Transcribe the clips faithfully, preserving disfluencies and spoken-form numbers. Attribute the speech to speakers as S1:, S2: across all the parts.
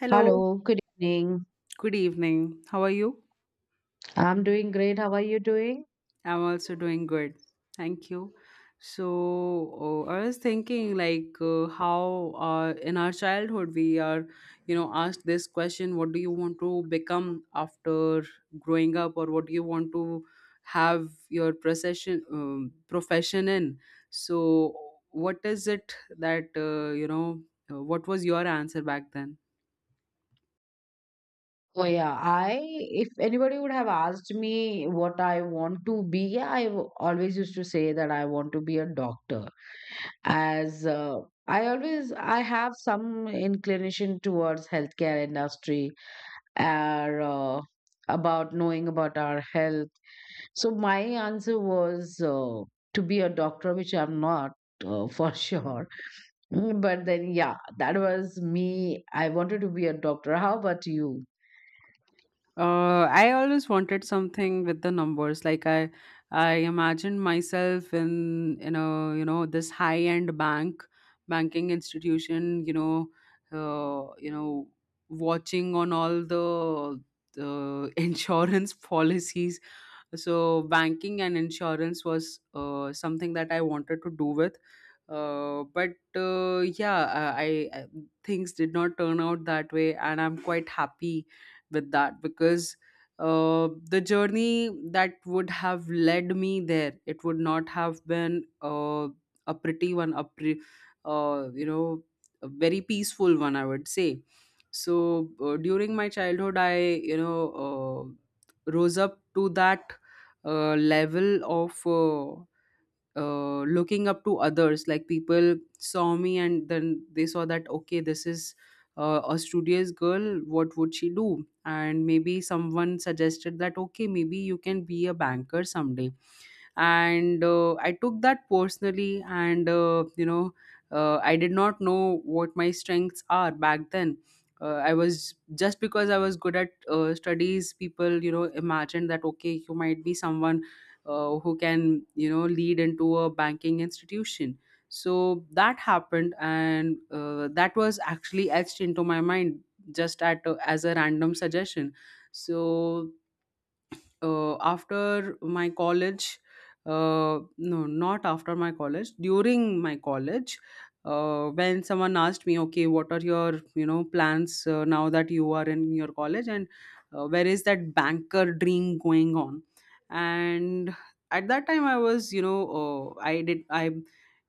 S1: Hello,
S2: Hello, good evening.
S1: good evening. How are you?
S2: I'm doing great. How are you doing?
S1: I'm also doing good. Thank you. So, uh, I was thinking like uh, how uh, in our childhood we are, you know, asked this question, what do you want to become after growing up or what do you want to have your procession um, profession in? So, what is it that uh, you know, uh, what was your answer back then?
S2: Oh yeah, I if anybody would have asked me what I want to be, yeah, I w- always used to say that I want to be a doctor. As uh, I always I have some inclination towards healthcare industry or uh, about knowing about our health. So my answer was uh, to be a doctor, which I'm not uh, for sure. Mm, but then, yeah, that was me. I wanted to be a doctor. How about you?
S1: Uh, I always wanted something with the numbers. Like I, I imagined myself in you know you know this high end bank, banking institution. You know, uh, you know, watching on all the the insurance policies so banking and insurance was uh, something that I wanted to do with uh, but uh, yeah uh, I, I things did not turn out that way, and I'm quite happy with that because uh, the journey that would have led me there, it would not have been uh, a pretty one a pre- uh, you know a very peaceful one I would say. So uh, during my childhood I you know uh, rose up to that uh, level of uh, uh, looking up to others. Like people saw me and then they saw that, okay, this is uh, a studious girl, what would she do? And maybe someone suggested that okay, maybe you can be a banker someday. And uh, I took that personally, and uh, you know uh, I did not know what my strengths are back then. uh, I was just, because I was good at uh, studies, people you know imagined that okay, you might be someone uh, who can you know lead into a banking institution. So that happened, and uh, that was actually etched into my mind, just at uh, as a random suggestion. So uh, after my college uh, no, not after my college, during my college, uh, when someone asked me, okay, what are your you know plans uh, now that you are in your college, and uh, where is that banker dream going on? And at that time I was you know, uh, I did I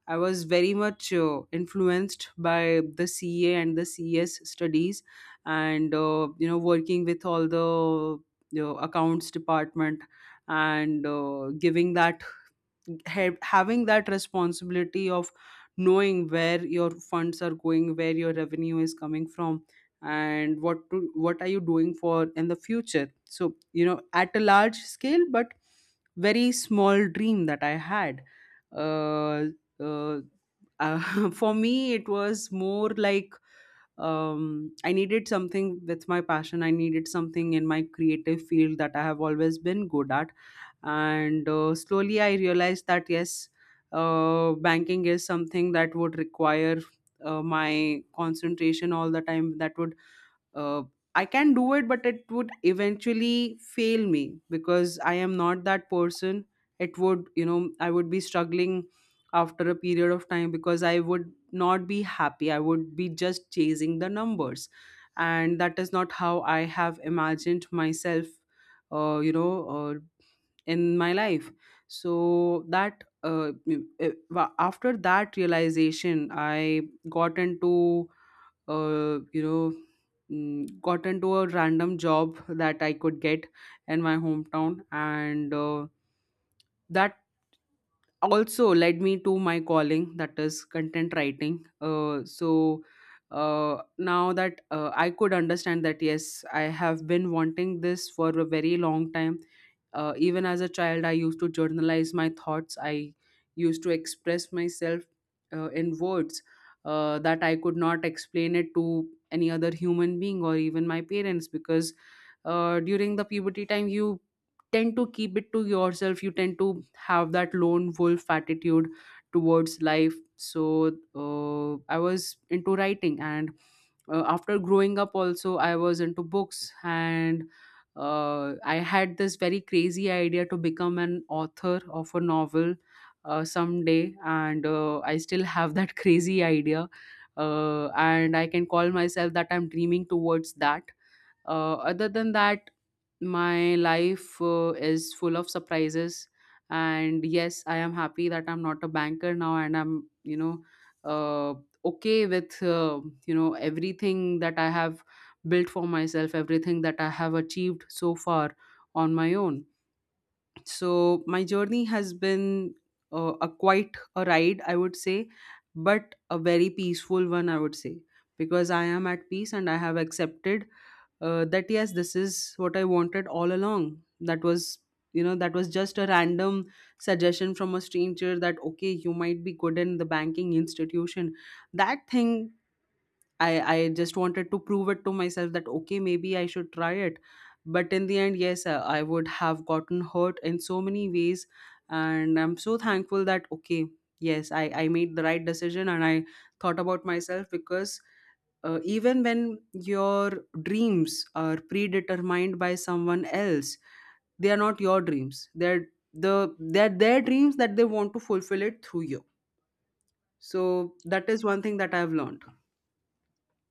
S1: I was very much uh, influenced by the C A and the C S studies, and uh, you know, working with all the the accounts department, and uh, giving that ha- having that responsibility of knowing where your funds are going, where your revenue is coming from, and what to, what are you doing for in the future, so you know, at a large scale, but very small dream that I had. uh, uh, uh, for me, it was more like, um, I needed something with my passion, I needed something in my creative field that I have always been good at. And uh, slowly I realized that yes, uh, banking is something that would require uh, my concentration all the time that would uh, I can do it, but it would eventually fail me because I am not that person. It would, you know, I would be struggling after a period of time because I would not be happy. I would be just chasing the numbers. And that is not how I have imagined myself, uh, you know, uh, in my life. So that. Uh, m- eh, wa- after that realization, I got into uh, you know mm, got into a random job that I could get in my hometown, and uh, that also led me to my calling, that is content writing uh, so uh, Now that uh, I could understand that yes, I have been wanting this for a very long time. Uh, even as a child, I used to journalize my thoughts, I used to express myself uh, in words, uh, that I could not explain it to any other human being or even my parents, because uh, during the puberty time you tend to keep it to yourself, you tend to have that lone wolf attitude towards life. So uh, I was into writing, and uh, after growing up also I was into books, and uh, I had this very crazy idea to become an author of a novel uh, someday, and uh, I still have that crazy idea, uh, and I can call myself that I'm dreaming towards that. Uh, other than that, my life uh, is full of surprises. And yes, I am happy that I'm not a banker now, and I'm, you know, uh, okay with, uh, you know, everything that I have built for myself, everything that I have achieved so far on my own. So my journey has been uh, a quite a ride, I would say, but a very peaceful one, I would say, because I am at peace and I have accepted uh, that yes, this is what I wanted all along. That was you know, that was just a random suggestion from a stranger, that okay, you might be good in the banking institution. That thing I I just wanted to prove it to myself that okay, maybe I should try it. But in the end, yes, I, I would have gotten hurt in so many ways, and I'm so thankful that okay, yes, I I made the right decision and I thought about myself, because uh, even when your dreams are predetermined by someone else, they are not your dreams, they're the they're their dreams that they want to fulfill it through you. So that is one thing that I've learned.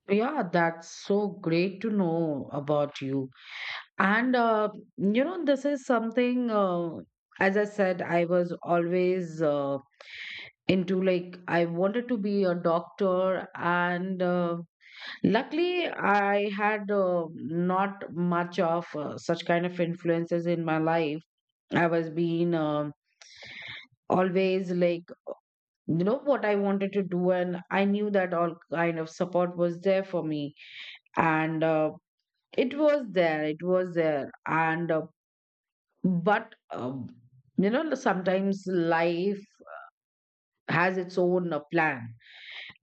S2: Yeah, that's so great to know about you. And, uh, you know, this is something, uh, As I said, I was always uh, into like, I wanted to be a doctor. And uh, luckily, I had uh, not much of uh, such kind of influences in my life. I was being um always like, you know what I wanted to do, and I knew that all kind of support was there for me. And uh, it was there it was there, and uh, but um, you know, sometimes life has its own uh, plan,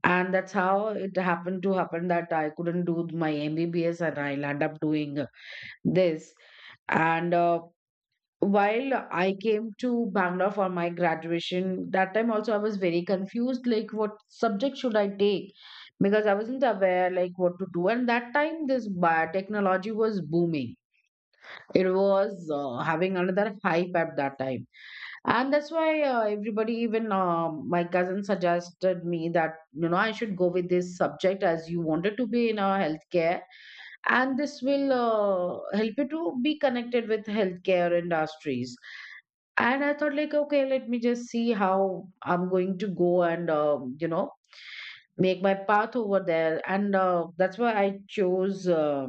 S2: and that's how it happened to happen that I couldn't do my MBBS and I'll end up doing uh, this. And uh, While I came to Bangalore for my graduation, that time also I was very confused, like what subject should I take? Because I wasn't aware like what to do. And that time this biotechnology was booming. It was uh, having another hype at that time, and that's why uh, everybody, even uh, my cousin, suggested me that you know I should go with this subject as you wanted to be in our healthcare, and this will uh, help you to be connected with healthcare industries. And I thought like, okay, let me just see how I'm going to go and, um, you know, make my path over there, and uh, that's why I chose uh,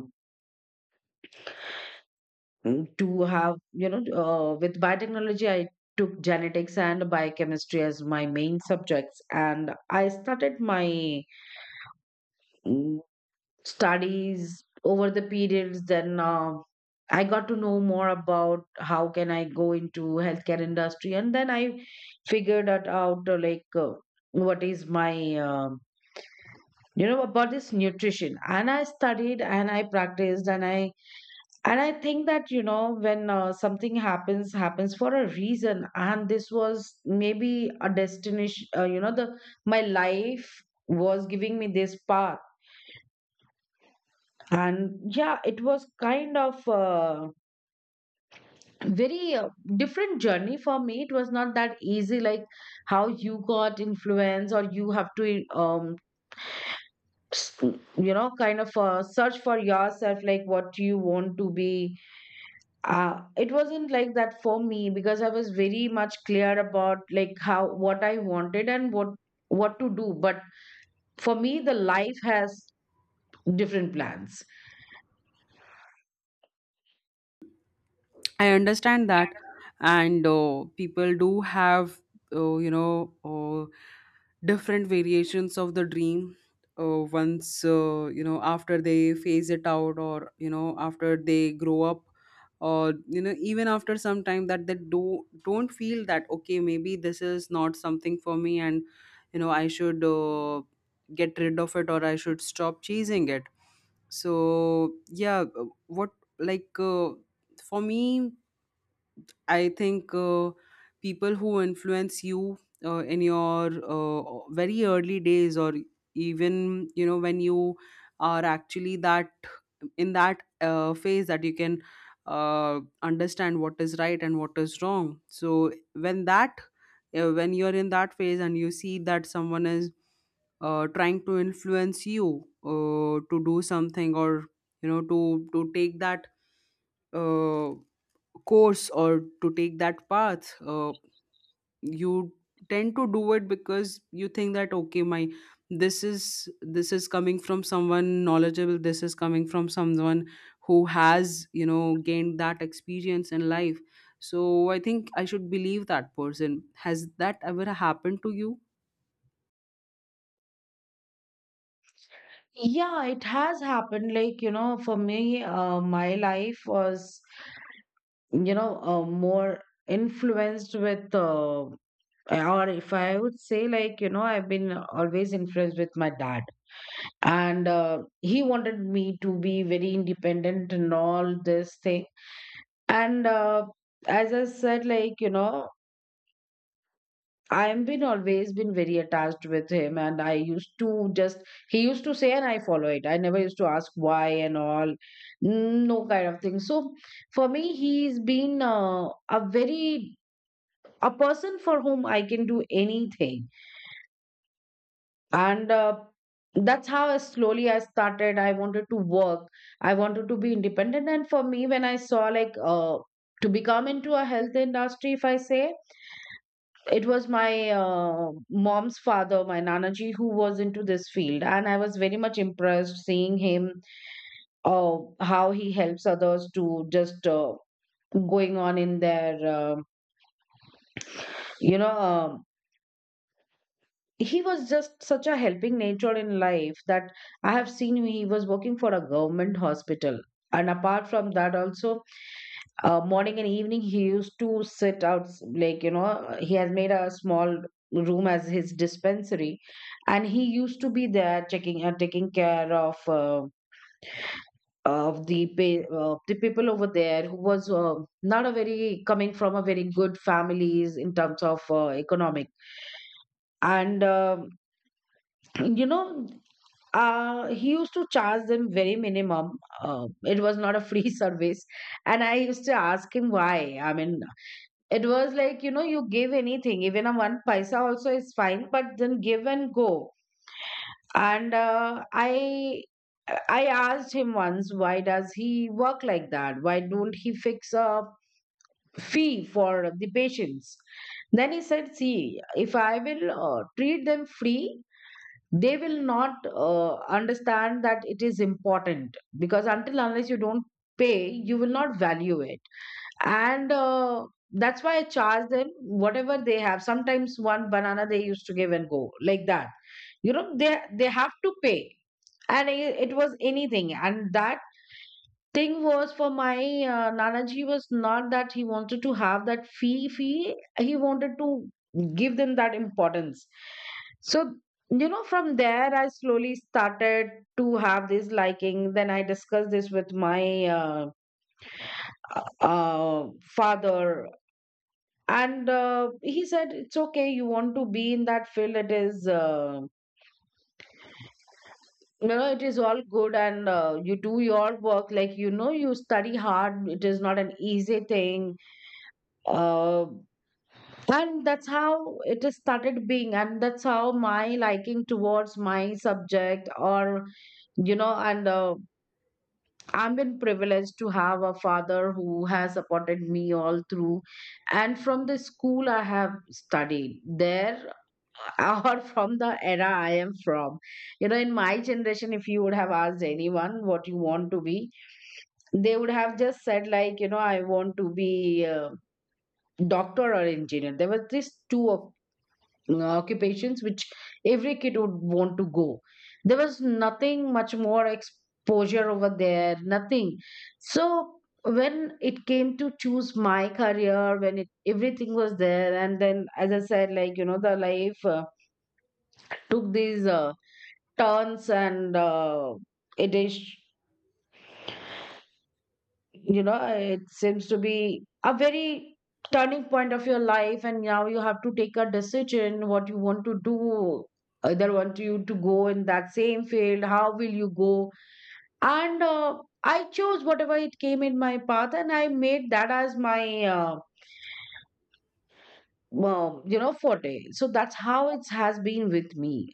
S2: Mm. to have, you know, uh, with biotechnology I took genetics and biochemistry as my main subjects, and I started my mm, studies. Over the periods, then uh, I got to know more about how can I go into healthcare industry, and then I figured that out, uh, like uh, what is my, um, you know, about this nutrition. And I studied and I practiced, and i and I think that, you know, when uh, something happens happens for a reason, and this was maybe a destination. Uh, you know, the my life was giving me this path. And yeah, it was kind of uh, very uh, different journey for me. It was not that easy like how you got influence, or you have to, um s- you know, kind of uh, search for yourself like what you want to be. Uh, it wasn't like that for me, because I was very much clear about like how what I wanted and what what to do. But for me, the life has different plans.
S1: I understand that, and uh, people do have, uh, you know, uh, different variations of the dream. Uh, once uh, you know, after they phase it out, or you know, after they grow up, or you know, even after some time, that they do don't feel that okay, maybe this is not something for me, and you know, I should uh, get rid of it, or I should stop chasing it. So yeah, uh, what like uh, for me, I think uh, people who influence you uh, in your uh, very early days, or even you know when you are actually that in that uh, phase that you can uh, understand what is right and what is wrong. So when that uh, when you are in that phase and you see that someone is uh, trying to influence you uh, to do something, or you know, to to take that uh, course, or to take that path, uh, you tend to do it because you think that okay, my, this is, this is coming from someone knowledgeable, this is coming from someone who has you know gained that experience in life, so I think I should believe that person. Has that ever happened to you?
S2: Yeah, it has happened. Like, you know, for me, uh, my life was, you know, uh, more influenced with, uh, or if I would say, like, you know, I've been always influenced with my dad. And uh, he wanted me to be very independent and all this thing. And uh, as I said, like, you know, I've been always been very attached with him, and I used to just he used to say, and I follow it. I never used to ask why and all, no kind of thing. So for me, he's been uh, a very a person for whom I can do anything. And uh, that's how I slowly I started I wanted to work, I wanted to be independent. And for me, when I saw, like, uh, to become into a health industry, if I say, it was my uh, mom's father, my Nanaji, who was into this field, and I was very much impressed seeing him, uh, how he helps others to just uh, going on in their, uh, you know uh, he was just such a helping nature in life that I have seen him. He was working for a government hospital. And apart from that, also uh, morning and evening, he used to sit out like, you know, he has made a small room as his dispensary, and he used to be there checking uh, taking care of. Uh, of the pay, uh, the people over there who was uh, not a very coming from a very good families in terms of uh, economic, and um you know, uh he used to charge them very minimum. Uh, it was not a free service. And I used to ask him why. I mean, it was like, you know, you give anything, even a one paisa also is fine, but then give and go. And uh, i i asked him once, why does he work like that? Why don't he fix a fee for the patients? Then he said, see, if I will uh, treat them free, they will not uh, understand that it is important, because until unless you don't pay, you will not value it. And uh, that's why I charge them whatever they have. Sometimes one banana they used to give and go, like that, you know. they they have to pay, and i- it was anything. And that thing was for my uh, Nanaji. Was not that he wanted to have that fee fee. He wanted to give them that importance. So, you know, from there, I slowly started to have this liking. Then I discussed this with my, uh, uh, father, and uh, he said, it's okay, you want to be in that field. It is. Uh, you know, it is all good, and uh, you do your work like, you know, you study hard, it is not an easy thing. Uh, and that's how it is started being, and that's how my liking towards my subject or, you know, and uh, I've been privileged to have a father who has supported me all through. And from the school I have studied there, or from the era I am from, you know, in my generation, if you would have asked anyone what you want to be, they would have just said, like, you know, I want to be uh, doctor or engineer. There were these two op- occupations which every kid would want to go. There was nothing much more exposure over there, nothing. So when it came to choose my career, when it everything was there, and then as I said, like, you know, the life uh, took these uh, turns and. Uh, it is, you know, it seems to be a very turning point of your life, and now you have to take a decision what you want to do, either want you to go in that same field, how will you go. And uh, I chose whatever it came in my path, and I made that as my, uh, um, you know, forte. So that's how it has been with me.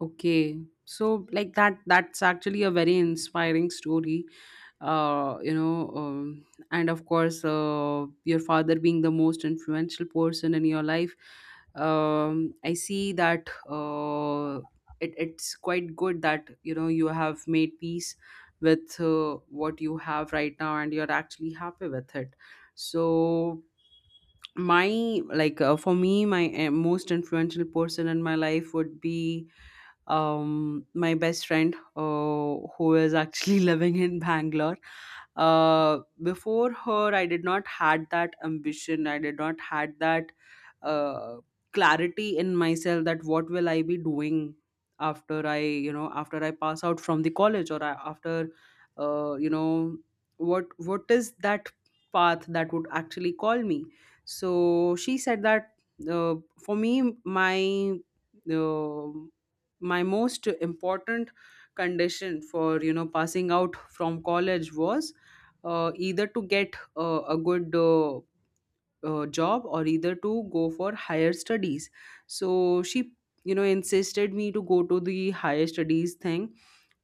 S1: Okay, so like that, that's actually a very inspiring story. Uh, you know, um, and of course, uh, your father being the most influential person in your life, um, I see that uh, it, it's quite good that you know you have made peace with uh, what you have right now, and you're actually happy with it. So my like uh, for me, my uh, most influential person in my life would be um, my best friend uh, who is actually living in Bangalore. Uh, before her, I did not had that ambition. I did not had that uh, clarity in myself, that what will I be doing after I, you know, after I pass out from the college, or I, after, uh, you know, what what is that path that would actually call me? So she said that uh, for me, my uh, my most important condition for you know passing out from college was uh, either to get uh, a good uh, uh, job, or either to go for higher studies. So she you know insisted me to go to the higher studies thing,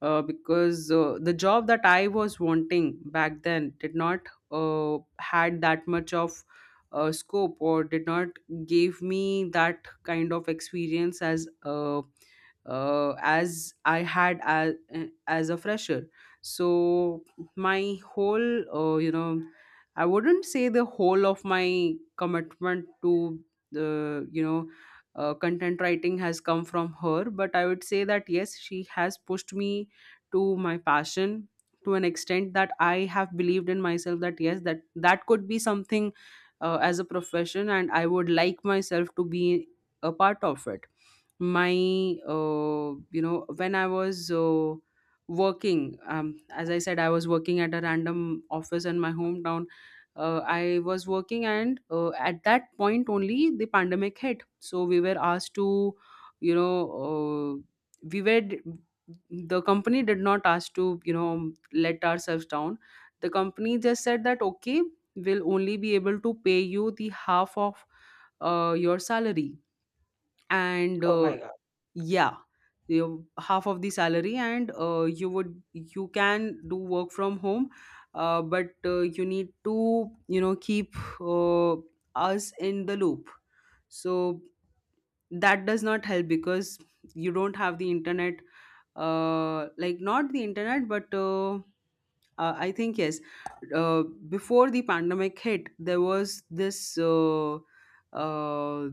S1: uh, because uh, the job that I was wanting back then did not uh, had that much of uh, scope, or did not give me that kind of experience as uh, uh, as I had as, as a fresher. So my whole, uh, you know, I wouldn't say the whole of my commitment to the, you know, uh, content writing has come from her, but I would say that yes, she has pushed me to my passion to an extent that I have believed in myself that yes, that that could be something uh, as a profession, and I would like myself to be a part of it. My uh, you know when i was uh, working, um, as I said, I was working at a random office in my hometown. uh, I was working, and uh, at that point only, the pandemic hit, so we were asked to, you know uh, we were d- the company did not ask to, you know let ourselves down. The company just said that, okay, we'll only be able to pay you the half of uh, your salary. and
S2: Oh
S1: uh,
S2: my God.
S1: yeah, you, half of the salary, and uh, you would you can do work from home, uh, but uh, you need to, you know keep uh, us in the loop. So that does not help, because you don't have the internet, uh, like, not the internet, but, uh, uh, I think, yes. Uh, before the pandemic hit, there was this uh, uh,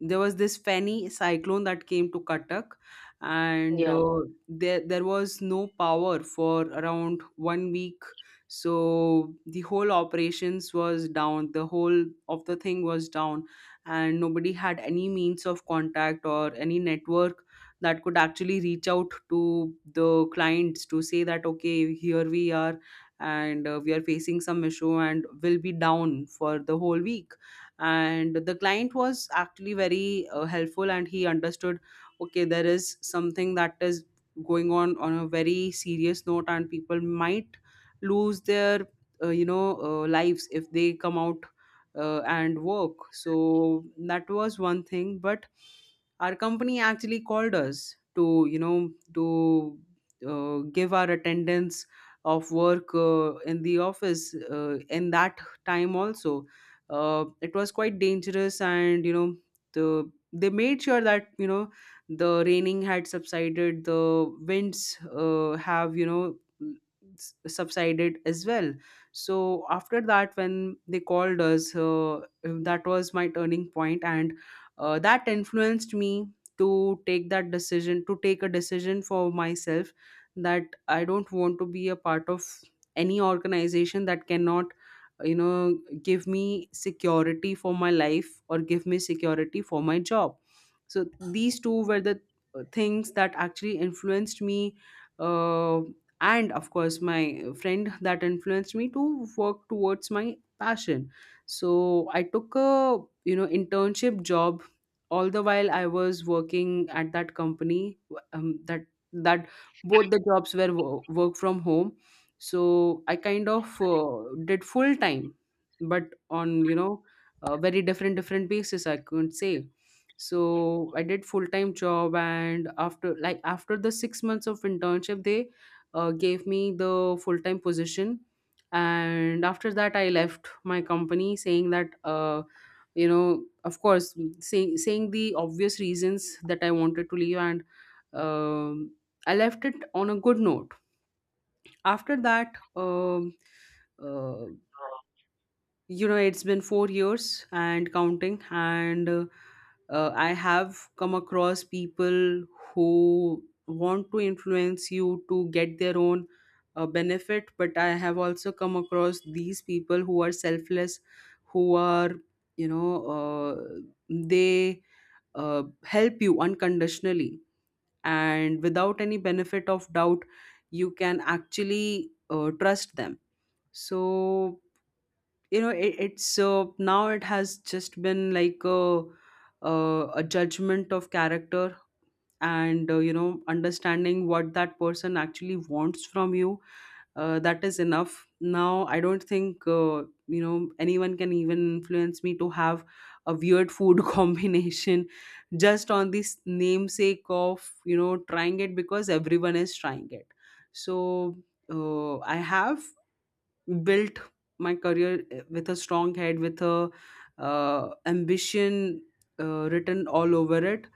S1: there was this Fani cyclone that came to Cuttack, and
S2: Yeah.
S1: uh, there there was no power for around one week. So the whole operations was down. The whole of the thing was down, and nobody had any means of contact or any network that could actually reach out to the clients to say that, okay, here we are, and uh, we are facing some issue and will be down for the whole week. And the client was actually very uh, helpful, and he understood, okay, there is something that is going on on a very serious note, and people might lose their, uh, you know uh, lives if they come out uh, and work. So that was one thing, but our company actually called us to you know to uh, give our attendance of work uh, in the office uh, in that time also. Uh, it was quite dangerous, and, you know, the they made sure that, you know, the raining had subsided, the winds uh, have, you know, s- subsided as well. So after that, when they called us, uh, that was my turning point, and uh, that influenced me to take that decision, to take a decision for myself, that I don't want to be a part of any organization that cannot, you know, give me security for my life, or give me security for my job. So these two were the uh, things that actually influenced me, uh, and of course, my friend, that influenced me to work towards my passion. So I took a, you know, internship job. All the while, I was working at that company. Um, that that Both the jobs were wo- work from home. So I kind of uh, did full time, but on, you know, a very different different basis, I couldn't say. So I did full time job, and after, like, after the six months of internship, they uh, gave me the full time position. And after that, I left my company, saying that, uh, you know, of course, say, saying the obvious reasons that I wanted to leave. And um, I left it on a good note. After that, um, uh, you know, it's been four years and counting. And uh, uh, I have come across people who want to influence you to get their own uh, benefit, but I have also come across these people who are selfless, who, are you know, uh, they uh, help you unconditionally, and without any benefit of doubt, you can actually uh, trust them. So, you know, it, it's uh, now, it has just been like a, uh, a judgment of character. And uh, you know, understanding what that person actually wants from you, uh, that is enough. Now I don't think uh, you know, anyone can even influence me to have a weird food combination, just on this namesake of, you know, trying it because everyone is trying it. So uh, I have built my career, eh, with a strong head, with a, uh, ambition uh, written all over it.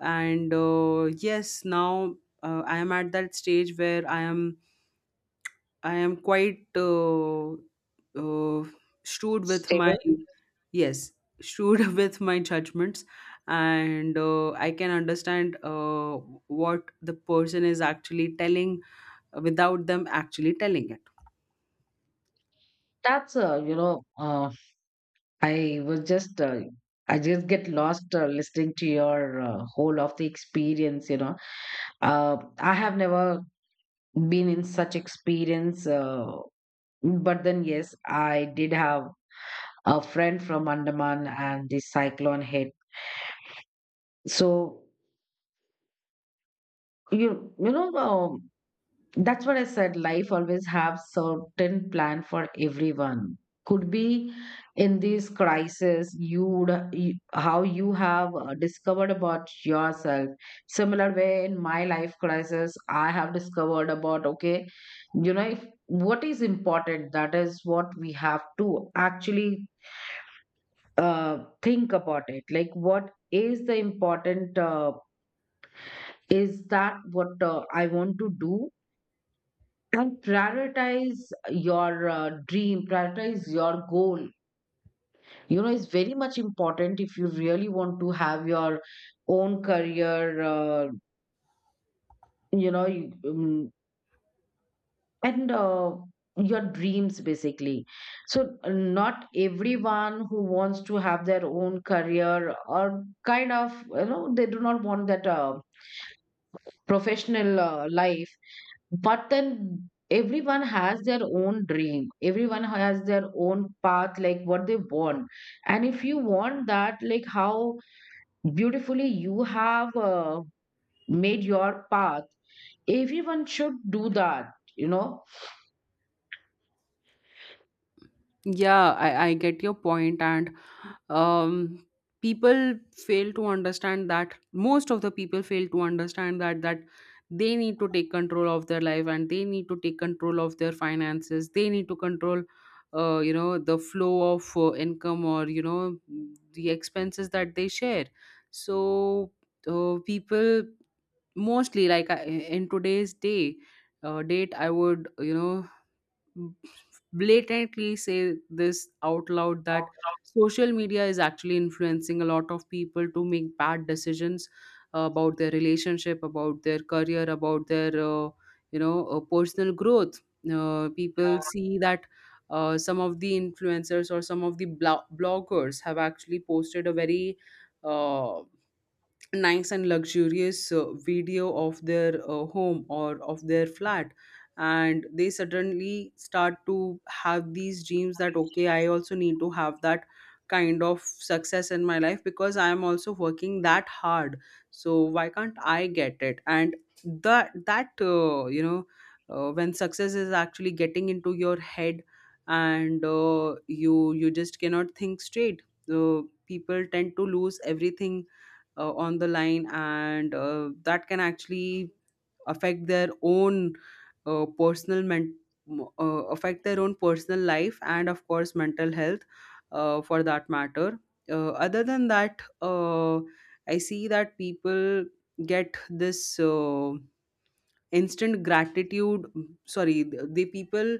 S1: And uh, yes, now, uh, I am at that stage where i am i am quite uh, uh, shrewd with my,
S2: Stable.
S1: yes, shrewd with my judgments. And uh, I can understand uh, what the person is actually telling, without them actually telling it.
S2: That's, uh, you know uh, I was just, uh, I just get lost uh, listening to your uh, whole of the experience. You know, uh, I have never been in such experience, uh, but then yes, I did have a friend from Andaman, and the cyclone hit. So you you know, uh, that's what I said. Life always have certain plan for everyone. Could be in this crisis, you would you- how you have uh, discovered about yourself. Similar way in my life crisis, I have discovered about, okay, you know, if, what is important. That is what we have to actually uh, think about it. Like what is the important. Uh, is that what uh, I want to do, and prioritize your uh, dream, prioritize your goal. You know, it's very much important if you really want to have your own career, uh, you know, you- um, and uh, your dreams basically. So uh, not everyone who wants to have their own career, or kind of, you know, they do not want that uh, professional uh, life. But then everyone has their own dream. Everyone has their own path, like what they want. And if you want that, like how beautifully you have uh, made your path, everyone should do that, you know.
S1: Yeah, I, I get your point. And um, people fail to understand that, most of the people fail to understand that that they need to take control of their life, and they need to take control of their finances. They need to control, uh, you know, the flow of uh, income, or, you know, the expenses that they share. So uh, people, mostly, like, I- in today's day uh, date, I would, you know, blatantly say this out loud that social media is actually influencing a lot of people to make bad decisions uh, about their relationship, about their career, about their, uh, you know uh, personal growth. Uh, people see that uh, some of the influencers, or some of the blo- bloggers, have actually posted a very uh, nice and luxurious uh, video of their uh, home, or of their flat. And they suddenly start to have these dreams that, okay, I also need to have that kind of success in my life, because I am also working that hard, so why can't I get it? And that that uh, you know, uh, when success is actually getting into your head, and uh, you you just cannot think straight. uh, People tend to lose everything uh, on the line, and uh, that can actually affect their own, uh, personal men- uh, affect their own personal life, and of course, mental health, uh, for that matter. Uh, other than that, uh, I see that people get this uh, instant gratitude, sorry, the, the people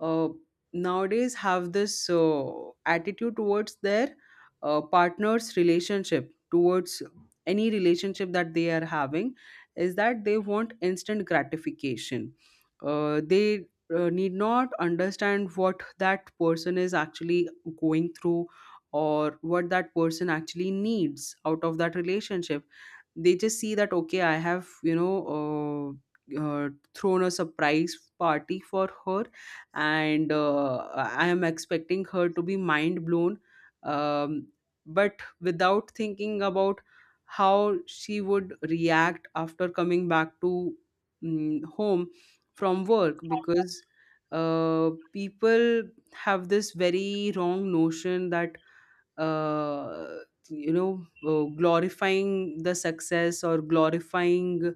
S1: uh, nowadays have this uh, attitude towards their uh, partner's relationship, towards any relationship that they are having, is that they want instant gratification. Uh, they uh, need not understand what that person is actually going through, or what that person actually needs out of that relationship. They just see that, okay, I have, you know uh, uh, thrown a surprise party for her, and uh, I am expecting her to be mind blown. um, but without thinking about how she would react after coming back to, mm, home, from work. Because uh, people have this very wrong notion that, uh, you know, uh, glorifying the success, or glorifying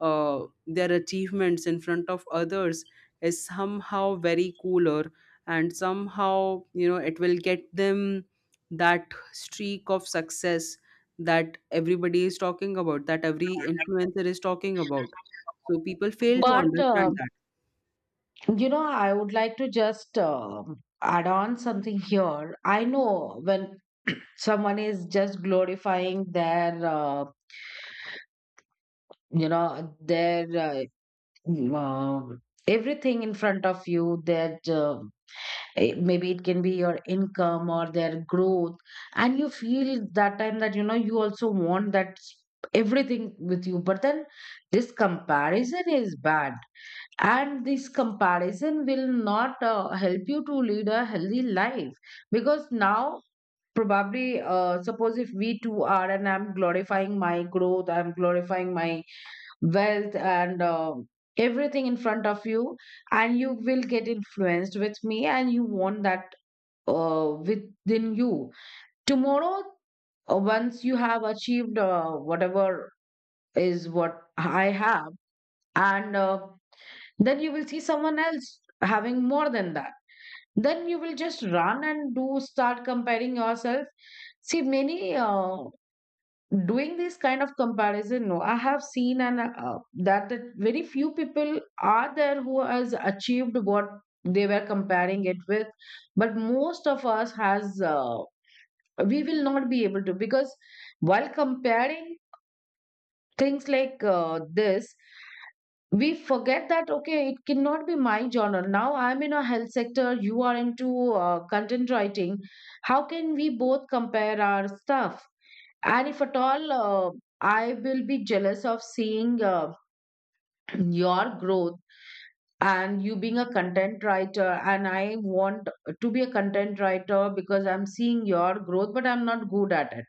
S1: uh, their achievements in front of others, is somehow very cooler, and somehow, you know, it will get them that streak of success that everybody is talking about, that every influencer is talking about. So people fail to
S2: But, uh,
S1: understand that.
S2: you know, I would like to just uh, add on something here. I know when someone is just glorifying their, uh, you know, their, uh, wow, everything in front of you, that uh, eh, maybe it can be your income or their growth, and you feel that time that, you know, you also want that s- everything with you, but then this comparison is bad, and this comparison will not uh, help you to lead a healthy life, because now. Probably, uh, suppose if we two are, and I'm glorifying my growth, I'm glorifying my wealth and uh, everything in front of you, and you will get influenced with me, and you want that uh, within you tomorrow. Uh, once you have achieved uh, whatever is what I have, and uh, then you will see someone else having more than that, then you will just run and do start comparing yourself. See many uh, doing this kind of comparison. No, I have seen, and uh, that, that very few people are there who has achieved what they were comparing it with. But most of us has, uh, we will not be able to because while comparing things like uh, this, we forget that, okay, it cannot be my genre. Now I'm in a health sector, you are into uh, content writing. How can we both compare our stuff? And if at all, uh, I will be jealous of seeing, uh, your growth, and you being a content writer, and I want to be a content writer because I'm seeing your growth, but I'm not good at it.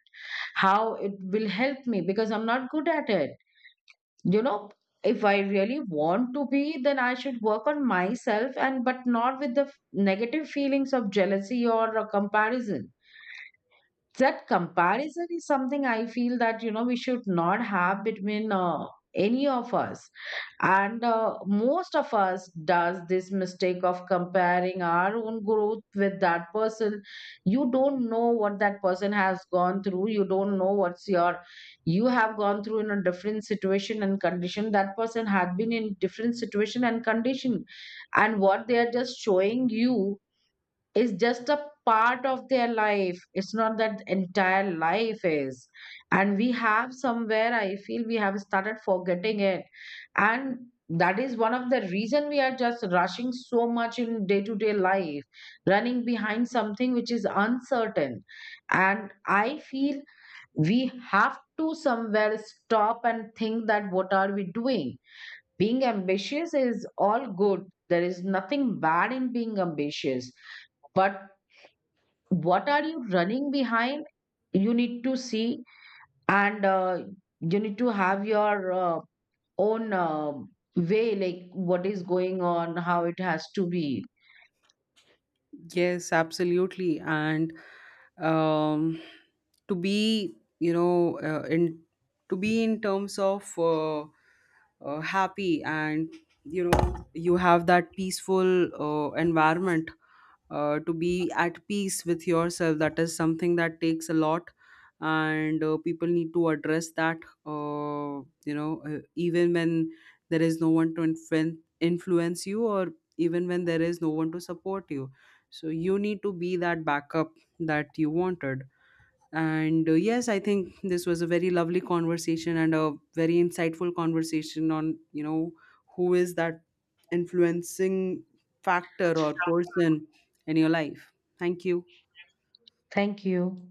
S2: How it will help me because I'm not good at it? You know, if I really want to be, then I should work on myself, and but not with the f- negative feelings of jealousy or a comparison. That comparison is something, I feel, that you know we should not have between, uh, any of us. And uh, Most of us does this mistake of comparing our own growth with that person. You don't know what that person has gone through, you don't know what's your you have gone through in a different situation and condition, that person had been in different situation and condition. And what they are just showing you is just a part of their life, it's not that entire life is. And we have somewhere, I feel, we have started forgetting it. And that is one of the reason we are just rushing so much in day to day life, running behind something which is uncertain. And I feel we have to somewhere stop and think that what are we doing. Being ambitious is all good, there is nothing bad in being ambitious, but what are you running behind? You need to see, and uh, you need to have your uh, own uh, way, like what is going on, how it has to be.
S1: Yes, absolutely. And um, to be, you know, uh, in to be in terms of uh, uh, happy, and, you know, you have that peaceful uh, environment, uh, to be at peace with yourself, that is something that takes a lot. And uh, people need to address that, uh, you know, uh, even when there is no one to influen- influence you, or even when there is no one to support you. So you need to be that backup that you wanted. And uh, yes, I think this was a very lovely conversation, and a very insightful conversation on, you know, who is that influencing factor or person in your life. Thank you.
S2: Thank you.